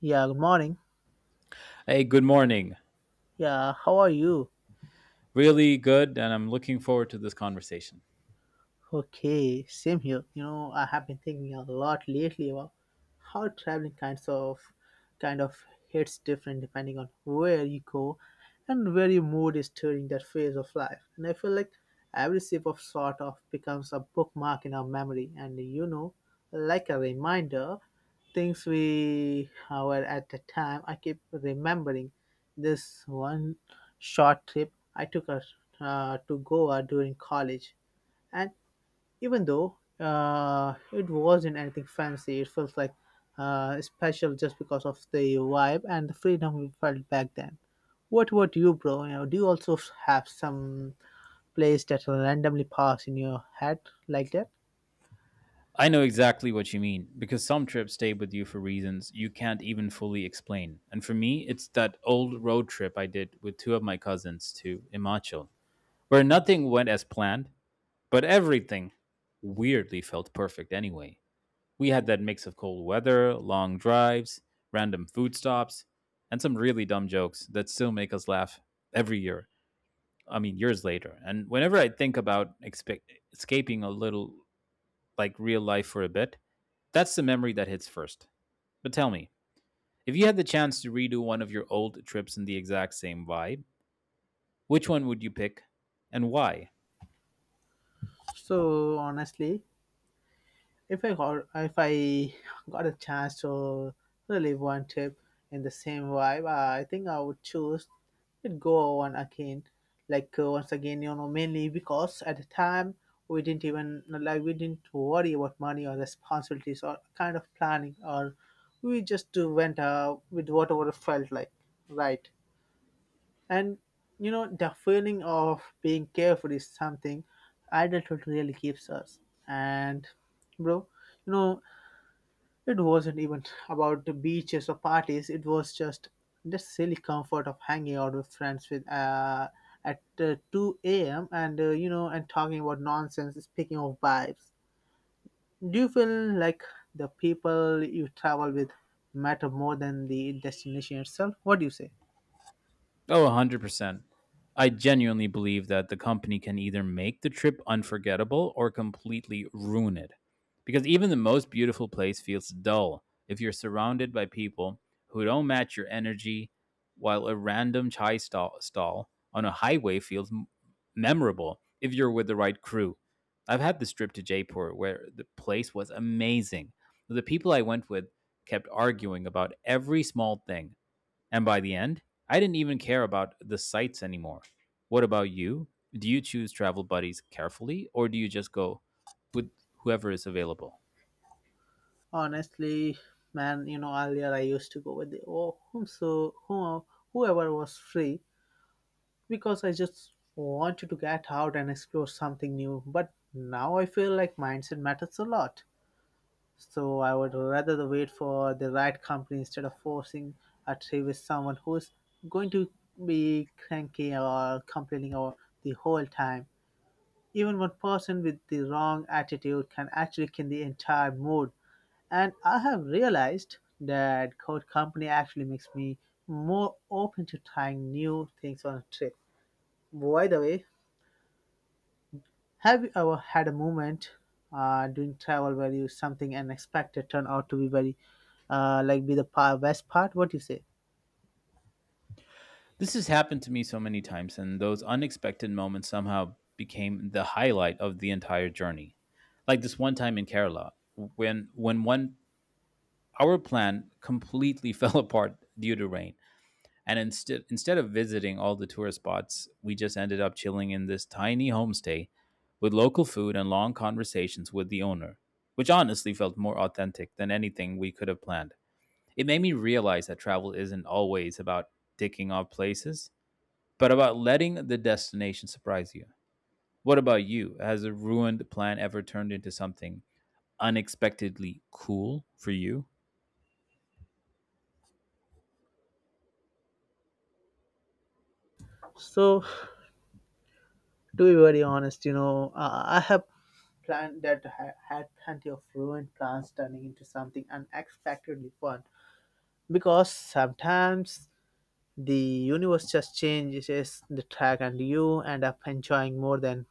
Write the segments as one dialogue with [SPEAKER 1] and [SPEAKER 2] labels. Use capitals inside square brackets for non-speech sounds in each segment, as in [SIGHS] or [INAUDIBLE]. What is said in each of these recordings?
[SPEAKER 1] Yeah, good morning.
[SPEAKER 2] Hey, good morning.
[SPEAKER 1] Yeah, how are you?
[SPEAKER 2] Really good, and I'm looking forward to this conversation.
[SPEAKER 1] Okay, same here. I have been thinking a lot lately about how traveling kind of hits different depending on where you go and where your mood is during that phase of life. And I feel like every sip of sort of becomes a bookmark in our memory and like a reminder, things we were at the time I keep remembering this one short trip I took to Goa during college and even though it wasn't anything fancy, it felt like special just because of the vibe and the freedom we felt back then. What about you, bro? You know, do you also have some place that randomly pass in your head like that?
[SPEAKER 2] I know exactly what you mean because some trips stay with you for reasons you can't even fully explain. And for me, it's that old road trip I did with two of my cousins to Himachal, where nothing went as planned, but everything weirdly felt perfect anyway. We had that mix of cold weather, long drives, random food stops, and some really dumb jokes that still make us laugh every year. I mean, years later. And whenever I think about escaping a little like real life for a bit, that's the memory that hits first. But tell me, if you had the chance to redo one of your old trips in the exact same vibe, which one would you pick and why?
[SPEAKER 1] So honestly, if I got a chance to relive one trip in the same vibe, I think I would choose it go on again, like once again, you know, mainly because at the time we didn't worry about money or responsibilities or kind of planning, or we just went with whatever felt like, right? And you know, the feeling of being careful is something adulthood really gives us, and bro you know it wasn't even about the beaches or parties. It was just the silly comfort of hanging out with friends with at 2 a.m. and you know and talking about nonsense. Speaking of vibes, do you feel like the people you travel with matter more than the destination itself? What do you say?
[SPEAKER 2] Oh, 100%. I genuinely believe that the company can either make the trip unforgettable or completely ruin it. Because even the most beautiful place feels dull if you're surrounded by people who don't match your energy, while a random chai stall on a highway feels memorable if you're with the right crew. I've had this trip to Jaipur where the place was amazing. The people I went with kept arguing about every small thing and by the end, I didn't even care about the sites anymore. What about you? Do you choose travel buddies carefully or do you just go with whoever is available?
[SPEAKER 1] Honestly, man, you know earlier I used to go with the oh, whom so who, whoever was free because I just wanted to get out and explore something new. But now I feel like mindset matters a lot. So I would rather the wait for the right company instead of forcing a tree with someone who's going to be cranky or complaining or the whole time. Even one person with the wrong attitude can actually kill the entire mood. And I have realized that good company actually makes me more open to trying new things on a trip. By the way, have you ever had a moment during travel where you something unexpected turned out to be very best part? What do you say?
[SPEAKER 2] This has happened to me so many times, and those unexpected moments somehow became the highlight of the entire journey. Like this one time in Kerala, when one our plan completely [LAUGHS] fell apart due to rain. And instead of visiting all the tourist spots, we just ended up chilling in this tiny homestay with local food and long conversations with the owner, which honestly felt more authentic than anything we could have planned. It made me realize that travel isn't always about ticking off places, but about letting the destination surprise you. What about you? Has a ruined plan ever turned into something unexpectedly cool for you?
[SPEAKER 1] So to be very honest, you know, I have planned that I had plenty of ruined plans turning into something unexpectedly fun because sometimes the universe just changes the track and you end up enjoying more than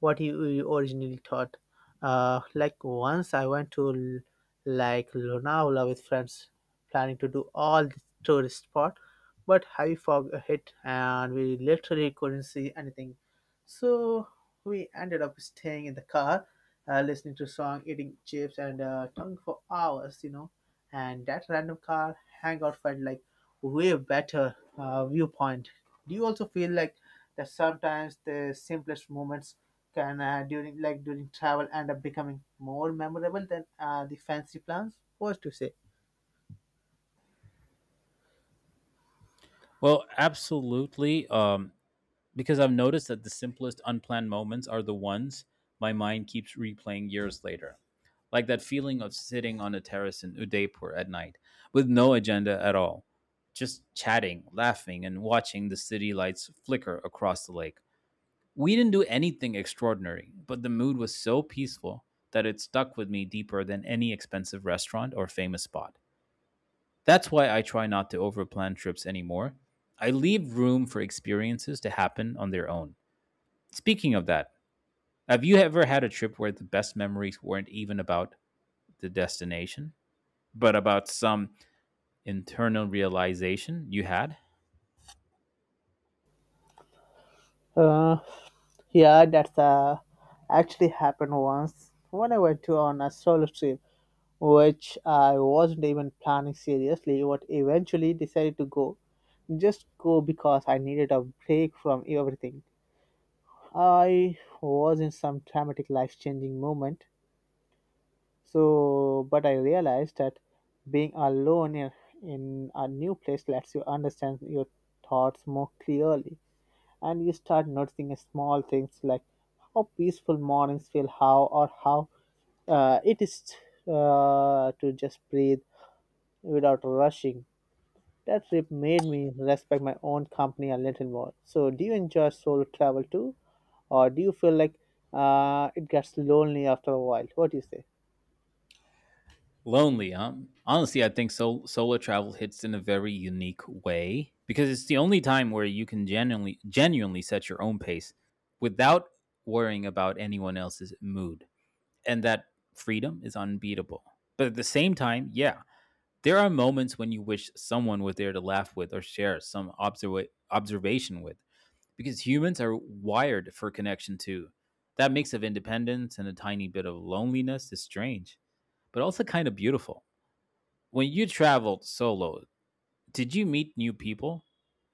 [SPEAKER 1] what originally thought. Like once I went to Lonavala with friends, planning to do all the tourist spot, but heavy fog hit and we literally couldn't see anything. So we ended up staying in the car, listening to song, eating chips, and talking for hours, you know. And that random car hangout felt like way better viewpoint. Do you also feel like that sometimes the simplest moments can during travel end up becoming more memorable than the fancy plans? What to say?
[SPEAKER 2] Well, absolutely. Because I've noticed that the simplest unplanned moments are the ones my mind keeps replaying years later. Like that feeling of sitting on a terrace in Udaipur at night with no agenda at all, just chatting, laughing, and watching the city lights flicker across the lake. We didn't do anything extraordinary, but the mood was so peaceful that it stuck with me deeper than any expensive restaurant or famous spot. That's why I try not to overplan trips anymore. I leave room for experiences to happen on their own. Speaking of that, have you ever had a trip where the best memories weren't even about the destination, but about some internal realization you had?
[SPEAKER 1] Uh, Yeah, that's actually happened once when I went to on a solo trip, which I wasn't even planning seriously, but eventually decided to go. Just go because I needed a break from everything. I was in some traumatic life-changing moment, so but I realized that being alone in a new place lets you understand your thoughts more clearly and you start noticing small things like how peaceful mornings feel, how it is to just breathe without rushing. That trip made me respect my own company a little more. So, do you enjoy solo travel too, or do you feel like it gets lonely after a while? What do you say?
[SPEAKER 2] Lonely, huh? Honestly, I think solo travel hits in a very unique way because it's the only time where you can genuinely set your own pace without worrying about anyone else's mood. And that freedom is unbeatable. But at the same time, yeah, there are moments when you wish someone was there to laugh with or share some observation with, because humans are wired for connection too. That mix of independence and a tiny bit of loneliness is strange, but also kind of beautiful. When you traveled solo, did you meet new people?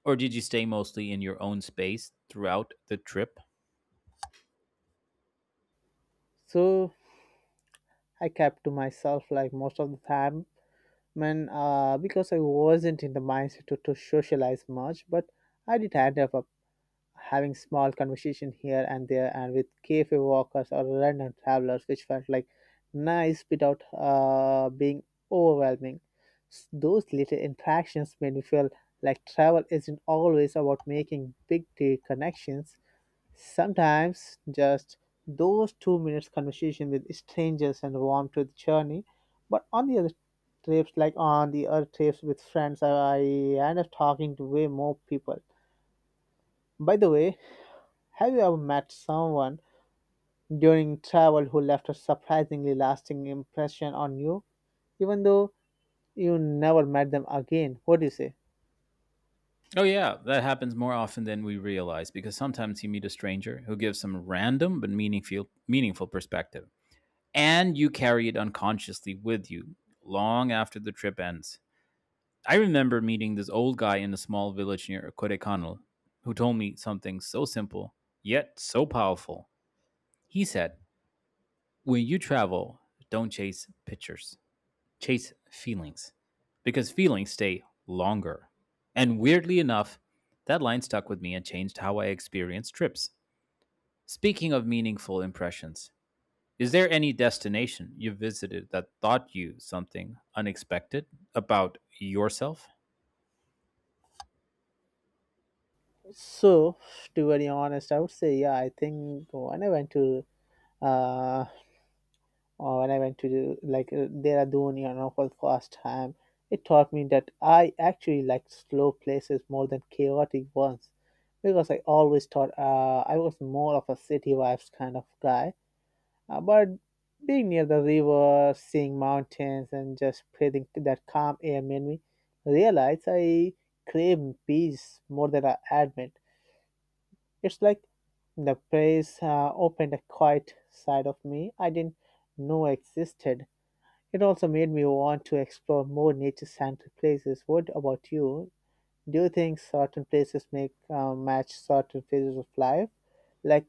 [SPEAKER 2] Or did you stay mostly in your own space throughout the trip?
[SPEAKER 1] So I kept to myself like most of the time, man, because I wasn't in the mindset to socialize much. But I did end up having small conversation here and there and with cafe walkers or random travelers which felt like nice without being overwhelming. Those little interactions made me feel like travel isn't always about making big deal connections, sometimes just those 2 minutes conversation with strangers and warm to the journey. But on the other trips with friends I end up talking to way more people. By the way, have you ever met someone during travel who left a surprisingly lasting impression on you, even though you never met them again? What do you say?
[SPEAKER 2] Oh, yeah, that happens more often than we realize because sometimes you meet a stranger who gives some random but meaningful perspective, and you carry it unconsciously with you long after the trip ends. I remember meeting this old guy in a small village near Kodaikanal who told me something so simple yet so powerful. He said, when you travel, don't chase pictures, chase feelings because feelings stay longer. And weirdly enough, that line stuck with me and changed how I experienced trips. Speaking of meaningful impressions, is there any destination you visited that taught you something unexpected about yourself?
[SPEAKER 1] So, to be very honest, I would say, yeah, I think uh, when I went to Dehradun, you know, for the first time, it taught me that I actually like slow places more than chaotic ones, because I always thought I was more of a city vibes kind of guy. But being near the river, seeing mountains, and just breathing that calm air made me realize I crave peace more than I admit. It's like the place opened a quiet side of me I didn't know existed. It also made me want to explore more nature-centric places. What about you? Do you think certain places make match certain phases of life? Like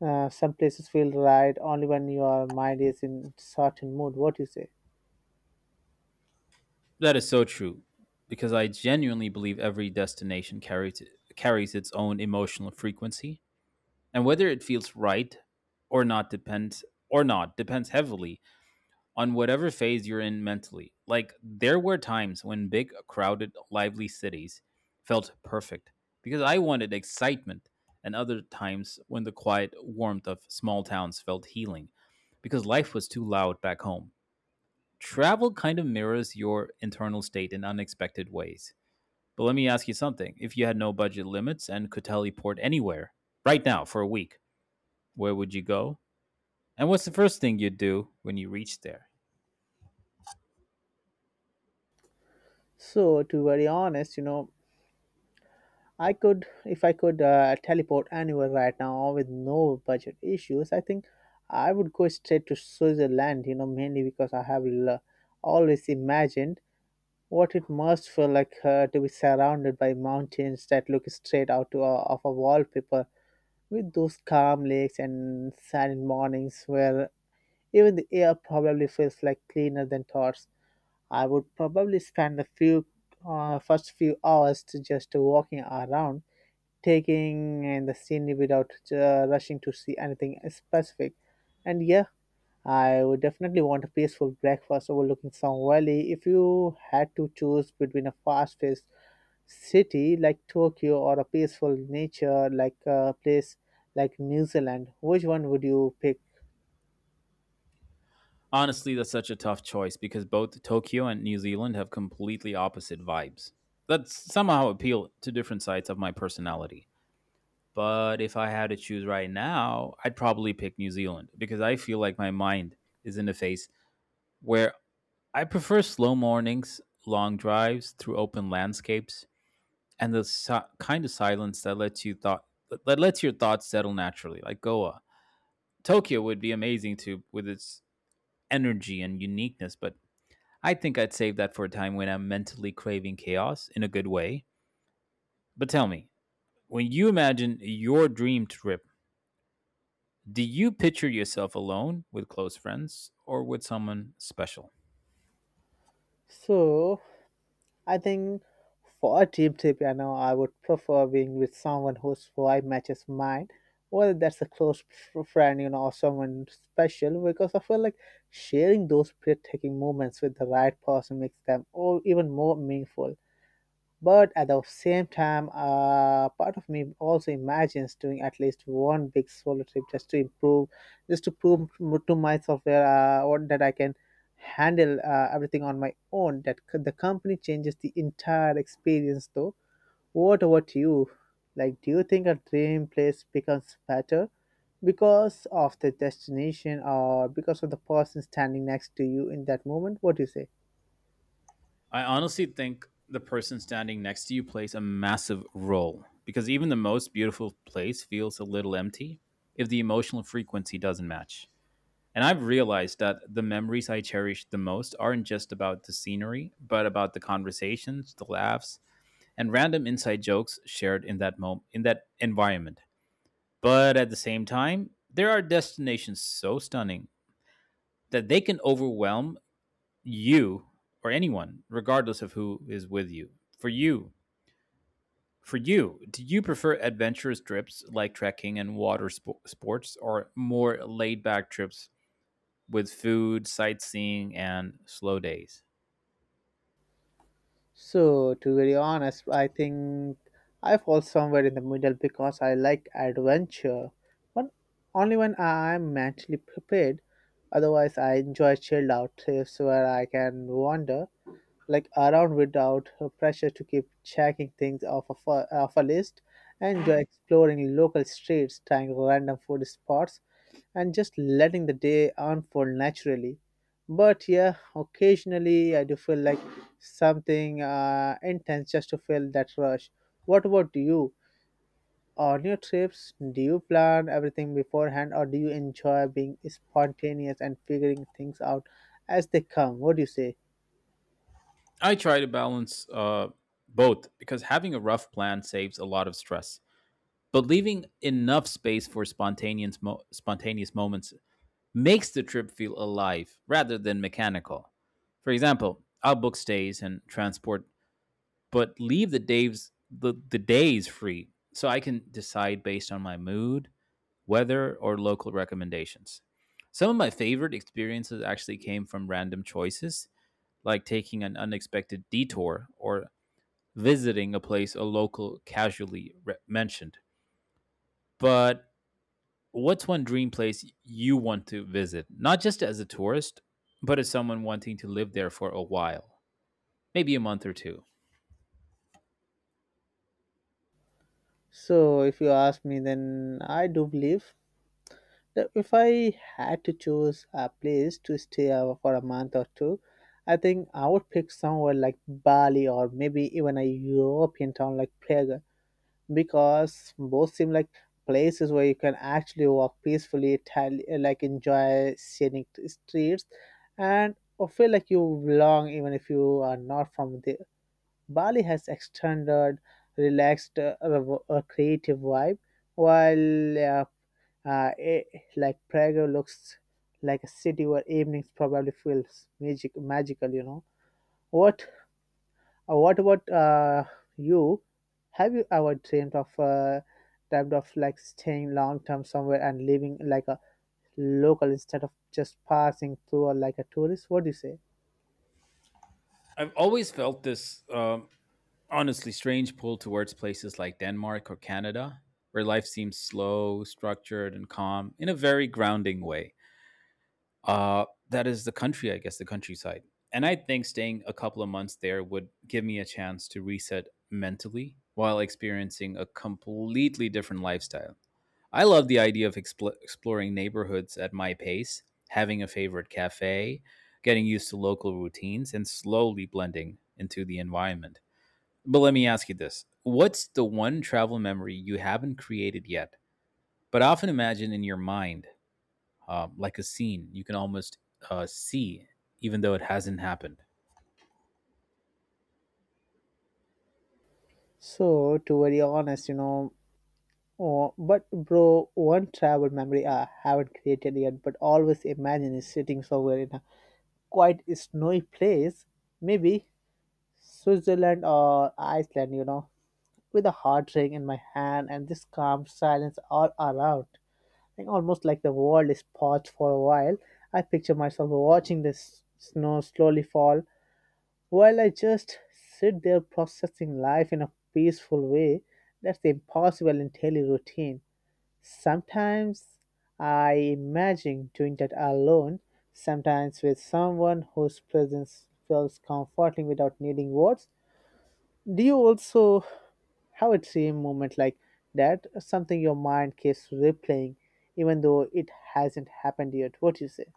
[SPEAKER 1] some places feel right only when your mind is in certain mood. What you say?
[SPEAKER 2] That is so true because I genuinely believe every destination carries its own emotional frequency, and whether it feels right or not depends heavily on whatever phase you're in mentally. Like there were times when big, crowded, lively cities felt perfect because I wanted excitement, and other times when the quiet warmth of small towns felt healing because life was too loud back home. Travel kind of mirrors your internal state in unexpected ways. But let me ask you something. If you had no budget limits and could teleport anywhere right now for a week, where would you go? And what's the first thing you'd do when you reach there?
[SPEAKER 1] So, to be very honest, you know, if I could teleport anywhere right now with no budget issues, I think I would go straight to Switzerland, you know, mainly because I have always imagined what it must feel like to be surrounded by mountains that look straight out of a wallpaper with those calm lakes and silent mornings where even the air probably feels like cleaner than thoughts. I would probably spend the few first few hours to just walking around, taking in the scenery without rushing to see anything specific. And yeah, I would definitely want a peaceful breakfast overlooking some valley. If you had to choose between a fast-paced city like Tokyo or a peaceful nature like a place like New Zealand, which one would you pick?
[SPEAKER 2] Honestly, that's such a tough choice because both Tokyo and New Zealand have completely opposite vibes that somehow appeal to different sides of my personality. But if I had to choose right now, I'd probably pick New Zealand because I feel like my mind is in a phase where I prefer slow mornings, long drives through open landscapes, and the si- kind of silence that lets you thought that lets your thoughts settle naturally, like Goa. Tokyo would be amazing too with its energy and uniqueness, but I think I'd save that for a time when I'm mentally craving chaos in a good way. But tell me, when you imagine your dream trip, do you picture yourself alone with close friends or with someone special?
[SPEAKER 1] So I think for a deep piano, I would prefer being with someone whose vibe matches mine, whether that's a close friend, you know, or someone special, because I feel like sharing those breathtaking moments with the right person makes them all even more meaningful. But at the same time, part of me also imagines doing at least one big solo trip just to prove to myself that I can handle everything on my own. The company changes the entire experience, though. What about you? Like, do you think a dream place becomes better because of the destination or because of the person standing next to you in that moment? What do you say?
[SPEAKER 2] I honestly think the person standing next to you plays a massive role because even the most beautiful place feels a little empty if the emotional frequency doesn't match. And I've realized that the memories I cherish the most aren't just about the scenery, but about the conversations, the laughs, and random inside jokes shared in that moment in that environment. But at the same time, there are destinations so stunning that they can overwhelm you or anyone, regardless of who is with you. For you, for you, do you prefer adventurous trips like trekking and water sports, or more laid-back trips with food, sightseeing, and slow days?
[SPEAKER 1] So, to be very honest, I think I fall somewhere in the middle because I like adventure, but only when I'm mentally prepared. Otherwise, I enjoy chilled out trips where I can wander like around without a pressure to keep checking things off a list. Enjoy exploring local streets, trying random food spots, and just letting the day unfold naturally. But yeah, occasionally I do feel like something intense just to feel that rush. What about you? On your trips, do you plan everything beforehand or do you enjoy being spontaneous and figuring things out as they come? What do you say?
[SPEAKER 2] I try to balance both because having a rough plan saves a lot of stress, but leaving enough space for spontaneous spontaneous moments makes the trip feel alive rather than mechanical. For example, I'll book stays and transport, but leave the days free so I can decide based on my mood, weather, or local recommendations. Some of my favorite experiences actually came from random choices, like taking an unexpected detour or visiting a place a local casually mentioned. But what's one dream place you want to visit, not just as a tourist, but as someone wanting to live there for a while, maybe a month or two?
[SPEAKER 1] So, if you ask me, then I do believe that if I had to choose a place to stay for a month or two, I think I would pick somewhere like Bali or maybe even a European town like Prague because both seem like places where you can actually walk peacefully, enjoy scenic streets, and or feel like you belong even if you are not from there. Bali has extended, relaxed, creative vibe, while uh, eh, Prague looks like a city where evenings probably feels magical. You know what? What about you? Have you ever dreamed of dreamt of like staying long term somewhere and living like a local instead of just passing through or like a tourist? What do you say?
[SPEAKER 2] I've always felt this, honestly, strange pull towards places like Denmark or Canada, where life seems slow, structured, and calm in a very grounding way. That is the country, I guess, the countryside. And I think staying a couple of months there would give me a chance to reset mentally while experiencing a completely different lifestyle. I love the idea of exploring neighborhoods at my pace, having a favorite cafe, getting used to local routines, and slowly blending into the environment. But let me ask you this: what's the one travel memory you haven't created yet, but often imagine in your mind, like a scene you can almost see, even though it hasn't happened?
[SPEAKER 1] So, to very honest, you know, oh, but bro, one travel memory I haven't created yet, but always imagine is sitting somewhere in a quite snowy place, maybe Switzerland or Iceland, you know, with a hot drink in my hand and this calm silence all around. And almost like the world is paused for a while. I picture myself watching the snow slowly fall while I just sit there processing life in a peaceful way that's impossible in daily routine. Sometimes I imagine doing that alone, sometimes with someone whose presence feels comforting without needing words. Do you also have a dream moment like that? Something your mind keeps replaying, even though it hasn't happened yet. What do you say?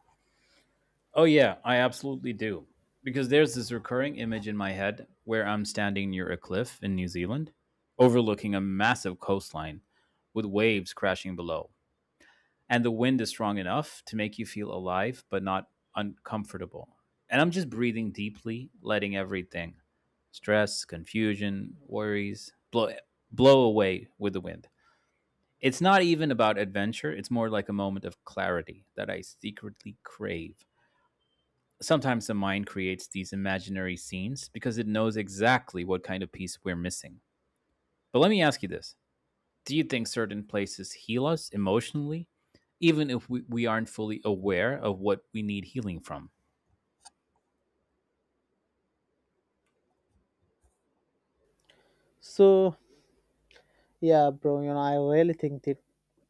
[SPEAKER 2] Oh yeah, I absolutely do. Because there's this recurring image in my head where I'm standing near a cliff in New Zealand, overlooking a massive coastline with waves crashing below. And the wind is strong enough to make you feel alive but not uncomfortable. And I'm just breathing deeply, letting everything, stress, confusion, worries, blow away with the wind. It's not even about adventure, it's more like a moment of clarity that I secretly crave. Sometimes the mind creates these imaginary scenes because it knows exactly what kind of piece we're missing. But let me ask you this: do you think certain places heal us emotionally, even if we aren't fully aware of what we need healing from?
[SPEAKER 1] So, Yeah, bro, you know, I really think that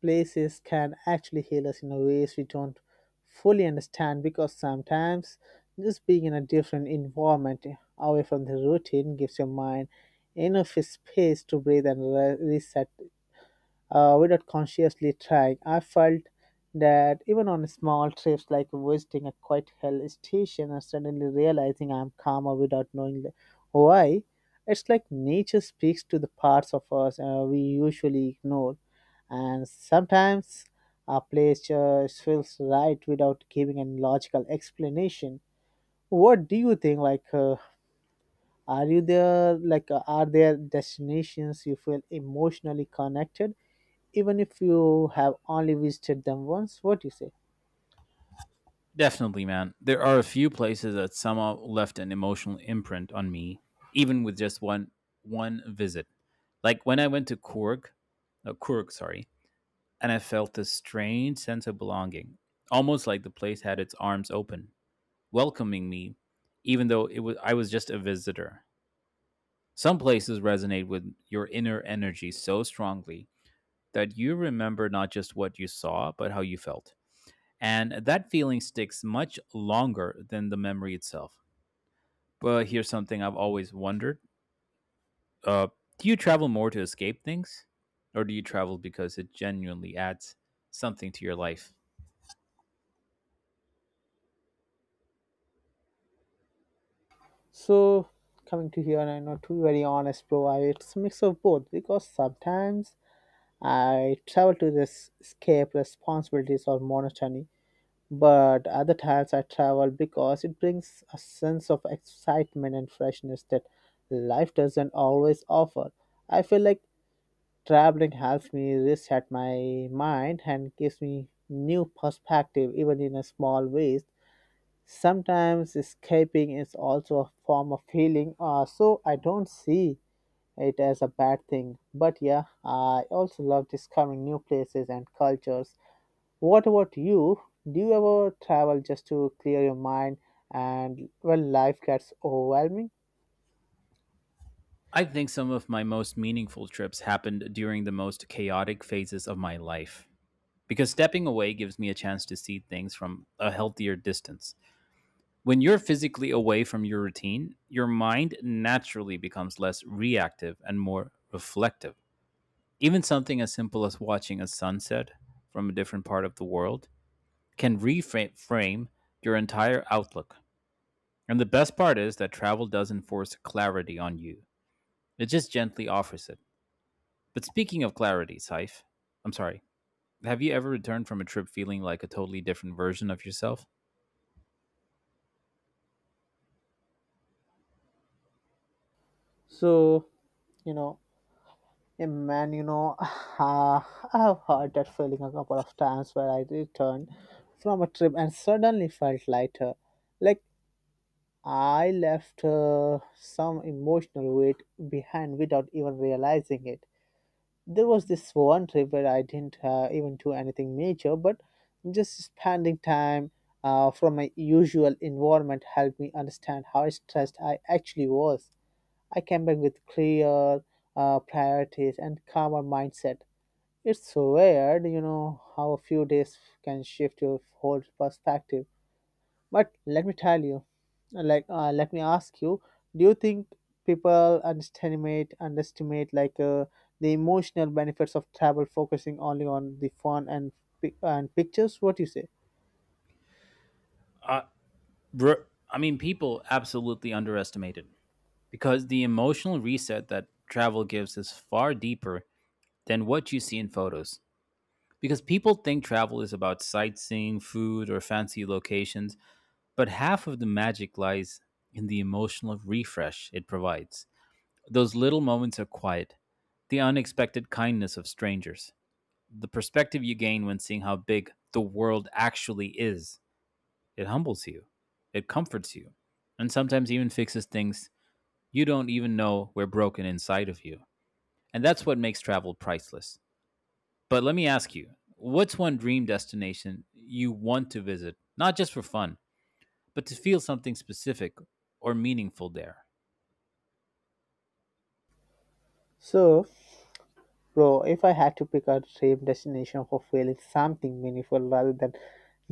[SPEAKER 1] places can actually heal us in a ways we don't fully understand because sometimes just being in a different environment away from the routine gives your mind enough space to breathe and reset without consciously trying. I felt that even on small trips like visiting a quiet hill station and suddenly realizing I'm calmer without knowing why. It's like nature speaks to the parts of us we usually ignore. And sometimes a place just feels right without giving any logical explanation. What do you think? Are you there? Are there destinations you feel emotionally connected even if you have only visited them once? What do you say?
[SPEAKER 2] Definitely, man. There are a few places that somehow left an emotional imprint on me, even with just one visit. Like when I went to Kurg, Kurg, sorry, and I felt this strange sense of belonging, almost like the place had its arms open, welcoming me, even though it was I was just a visitor. Some places resonate with your inner energy so strongly that you remember not just what you saw, but how you felt. And that feeling sticks much longer than the memory itself. But here's something I've always wondered. Uh, do you travel more to escape things? Or do you travel because it genuinely adds something to your life?
[SPEAKER 1] So coming to here, I know, to be very honest, bro, it's a mix of both because sometimes I travel to this escape responsibilities or monotony, but other times I travel because it brings a sense of excitement and freshness that life doesn't always offer. I feel like traveling helps me reset my mind and gives me new perspective even in a small ways. Sometimes escaping is also a form of healing, so I don't see it as a bad thing. But yeah, I also love discovering new places and cultures. What about you? Do you ever travel just to clear your mind and when life gets overwhelming?
[SPEAKER 2] I think some of my most meaningful trips happened during the most chaotic phases of my life, because stepping away gives me a chance to see things from a healthier distance. When you're physically away from your routine, your mind naturally becomes less reactive and more reflective. Even something as simple as watching a sunset from a different part of the world can reframe your entire outlook. And the best part is that travel doesn't force clarity on you, it just gently offers it. But speaking of clarity, Saif, I'm sorry, have you ever returned from a trip feeling like a totally different version of yourself?
[SPEAKER 1] So, you know, eh, man, you know, [LAUGHS] [SIGHS] uh, I've had that feeling a couple of times where I returned from a trip and suddenly felt lighter. Like I left some emotional weight behind without even realizing it. There was this one trip where I didn't even do anything major, but just spending time from my usual environment helped me understand how stressed I actually was. I came back with clear priorities and calmer mindset. It's weird, you know, how a few days can shift your whole perspective. But let me tell you, let me ask you, do you think people underestimate the emotional benefits of travel, focusing only on the fun and pictures? What do you say?
[SPEAKER 2] re- I mean, people absolutely underestimate it because the emotional reset that travel gives is far deeper than what you see in photos. Because people think travel is about sightseeing, food, or fancy locations, but half of the magic lies in the emotional refresh it provides. Those little moments of quiet, the unexpected kindness of strangers, the perspective you gain when seeing how big the world actually is, it humbles you, it comforts you, and sometimes even fixes things you don't even know were broken inside of you. And that's what makes travel priceless. But let me ask you, what's one dream destination you want to visit, not just for fun, but to feel something specific or meaningful there?
[SPEAKER 1] So, Bro, if I had to pick a dream destination for feeling something meaningful rather than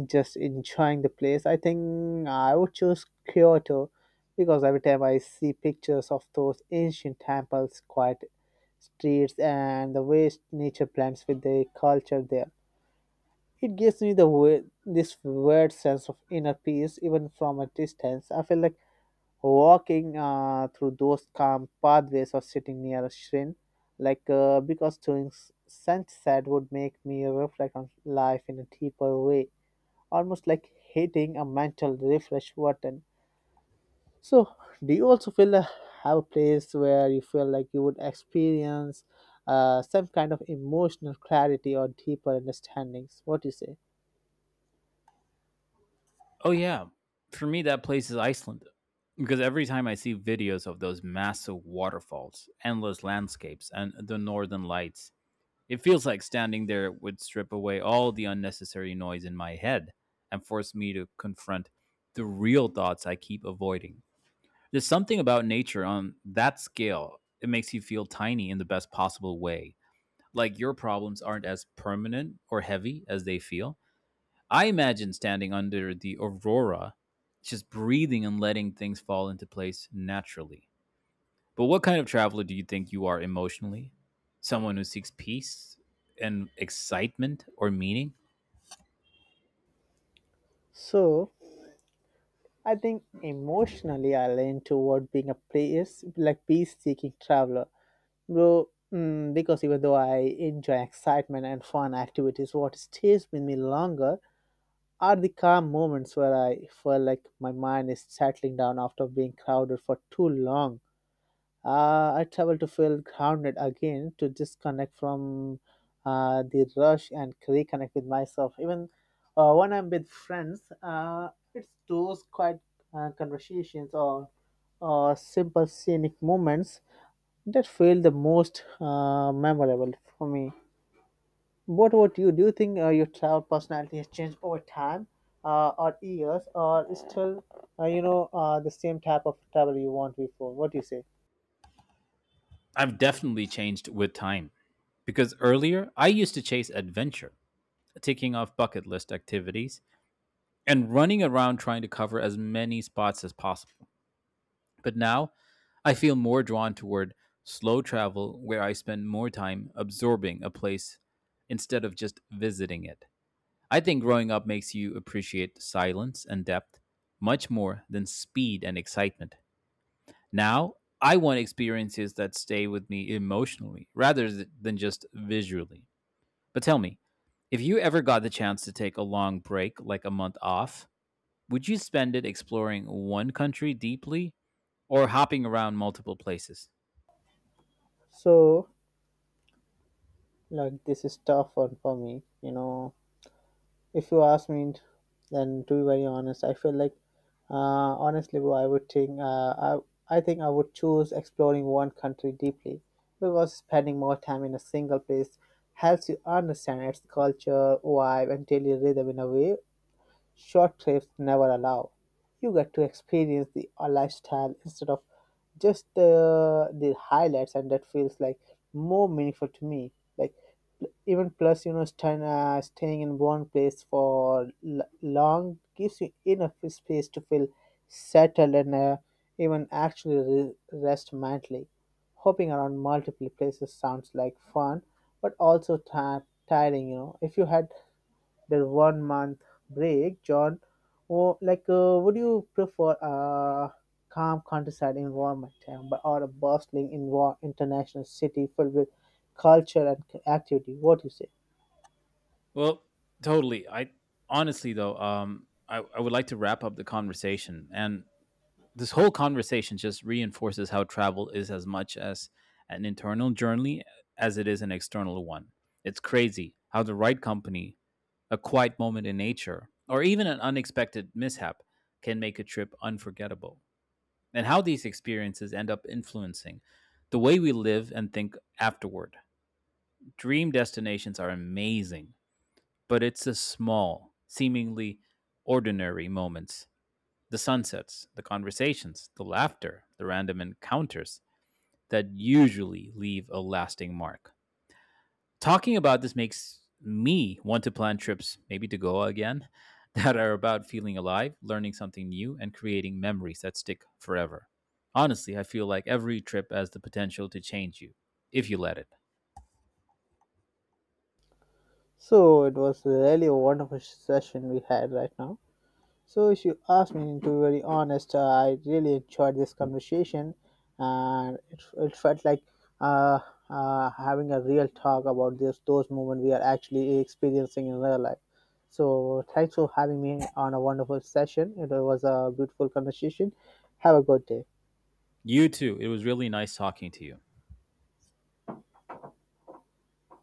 [SPEAKER 1] just enjoying the place, I think I would choose Kyoto because every time I see pictures of those ancient temples, quiet streets, and the way nature blends with the culture there, it gives me the way, this weird sense of inner peace even from a distance. I feel like walking through those calm pathways or sitting near a shrine, because during sunset would make me reflect on life in a deeper way, almost like hitting a mental refresh button. So, do you also feel have a place where you feel like you would experience some kind of emotional clarity or deeper understandings? What do you say?
[SPEAKER 2] Oh, yeah. For me, that place is Iceland. Because every time I see videos of those massive waterfalls, endless landscapes, and the northern lights, it feels like standing there would strip away all the unnecessary noise in my head and force me to confront the real thoughts I keep avoiding. There's something about nature on that scale. It makes you feel tiny in the best possible way. Like your problems aren't as permanent or heavy as they feel. I imagine standing under the aurora, just breathing and letting things fall into place naturally. But what kind of traveler do you think you are emotionally? Someone who seeks peace and excitement or meaning?
[SPEAKER 1] So, I think emotionally I lean toward being a place like peace seeking traveler, bro. Mm, because even though I enjoy excitement and fun activities, what stays with me longer are the calm moments where I feel like my mind is settling down after being crowded for too long. I travel to feel grounded again, to disconnect from the rush and reconnect with myself. Even when I'm with friends, it's those quiet conversations or simple scenic moments that felt the most memorable for me. What about you? Do you think your travel personality has changed over time, or years, or is still, the same type of travel you want before? What do you say?
[SPEAKER 2] I've definitely changed with time because earlier I used to chase adventure, ticking off bucket list activities and running around trying to cover as many spots as possible. But now I feel more drawn toward slow travel, where I spend more time absorbing a place instead of just visiting it. I think growing up makes you appreciate silence and depth much more than speed and excitement. Now, I want experiences that stay with me emotionally rather than just visually. But tell me, if you ever got the chance to take a long break, like a month off, would you spend it exploring one country deeply or hopping around multiple places?
[SPEAKER 1] So, this is tough one for me. You know, if you ask me, then to be very honest, I feel like honestly, bro, I think I would choose exploring one country deeply because spending more time in a single place helps you understand its culture, vibe, and daily rhythm in a way short trips never allow. You get to experience the lifestyle instead of just the highlights, and that feels like more meaningful to me. Like even plus, you know, staying in one place for long gives you enough space to feel settled and, even actually rest mentally. Hopping around multiple places sounds like fun, but also ti tiring. You know, if you had their 1 month break, John, or would you prefer a calm countryside environment, or a bustling international city filled with culture and activity? What do you say?
[SPEAKER 2] Well, totally. I honestly though, I would like to wrap up the conversation, and this whole conversation just reinforces how travel is as much as an internal journey as it is an external one. It's crazy how the right company, a quiet moment in nature, or even an unexpected mishap can make a trip unforgettable, and how these experiences end up influencing the way we live and think afterward. Dream destinations are amazing, but it's the small, seemingly ordinary moments, the sunsets, the conversations, the laughter, the random encounters, that usually leave a lasting mark. Talking about this makes me want to plan trips, maybe to Goa again, [LAUGHS] that are about feeling alive, learning something new, and creating memories that stick forever. Honestly, I feel like every trip has the potential to change you, if you let it.
[SPEAKER 1] So it was really a wonderful session we had right now. So, if you ask me to be very honest, I really enjoyed this conversation, and it felt like uh, having a real talk about this those moments we are actually experiencing in real life. So, thanks for having me on a wonderful session. It was a beautiful conversation. Have a good day.
[SPEAKER 2] You too. It was really nice talking to you.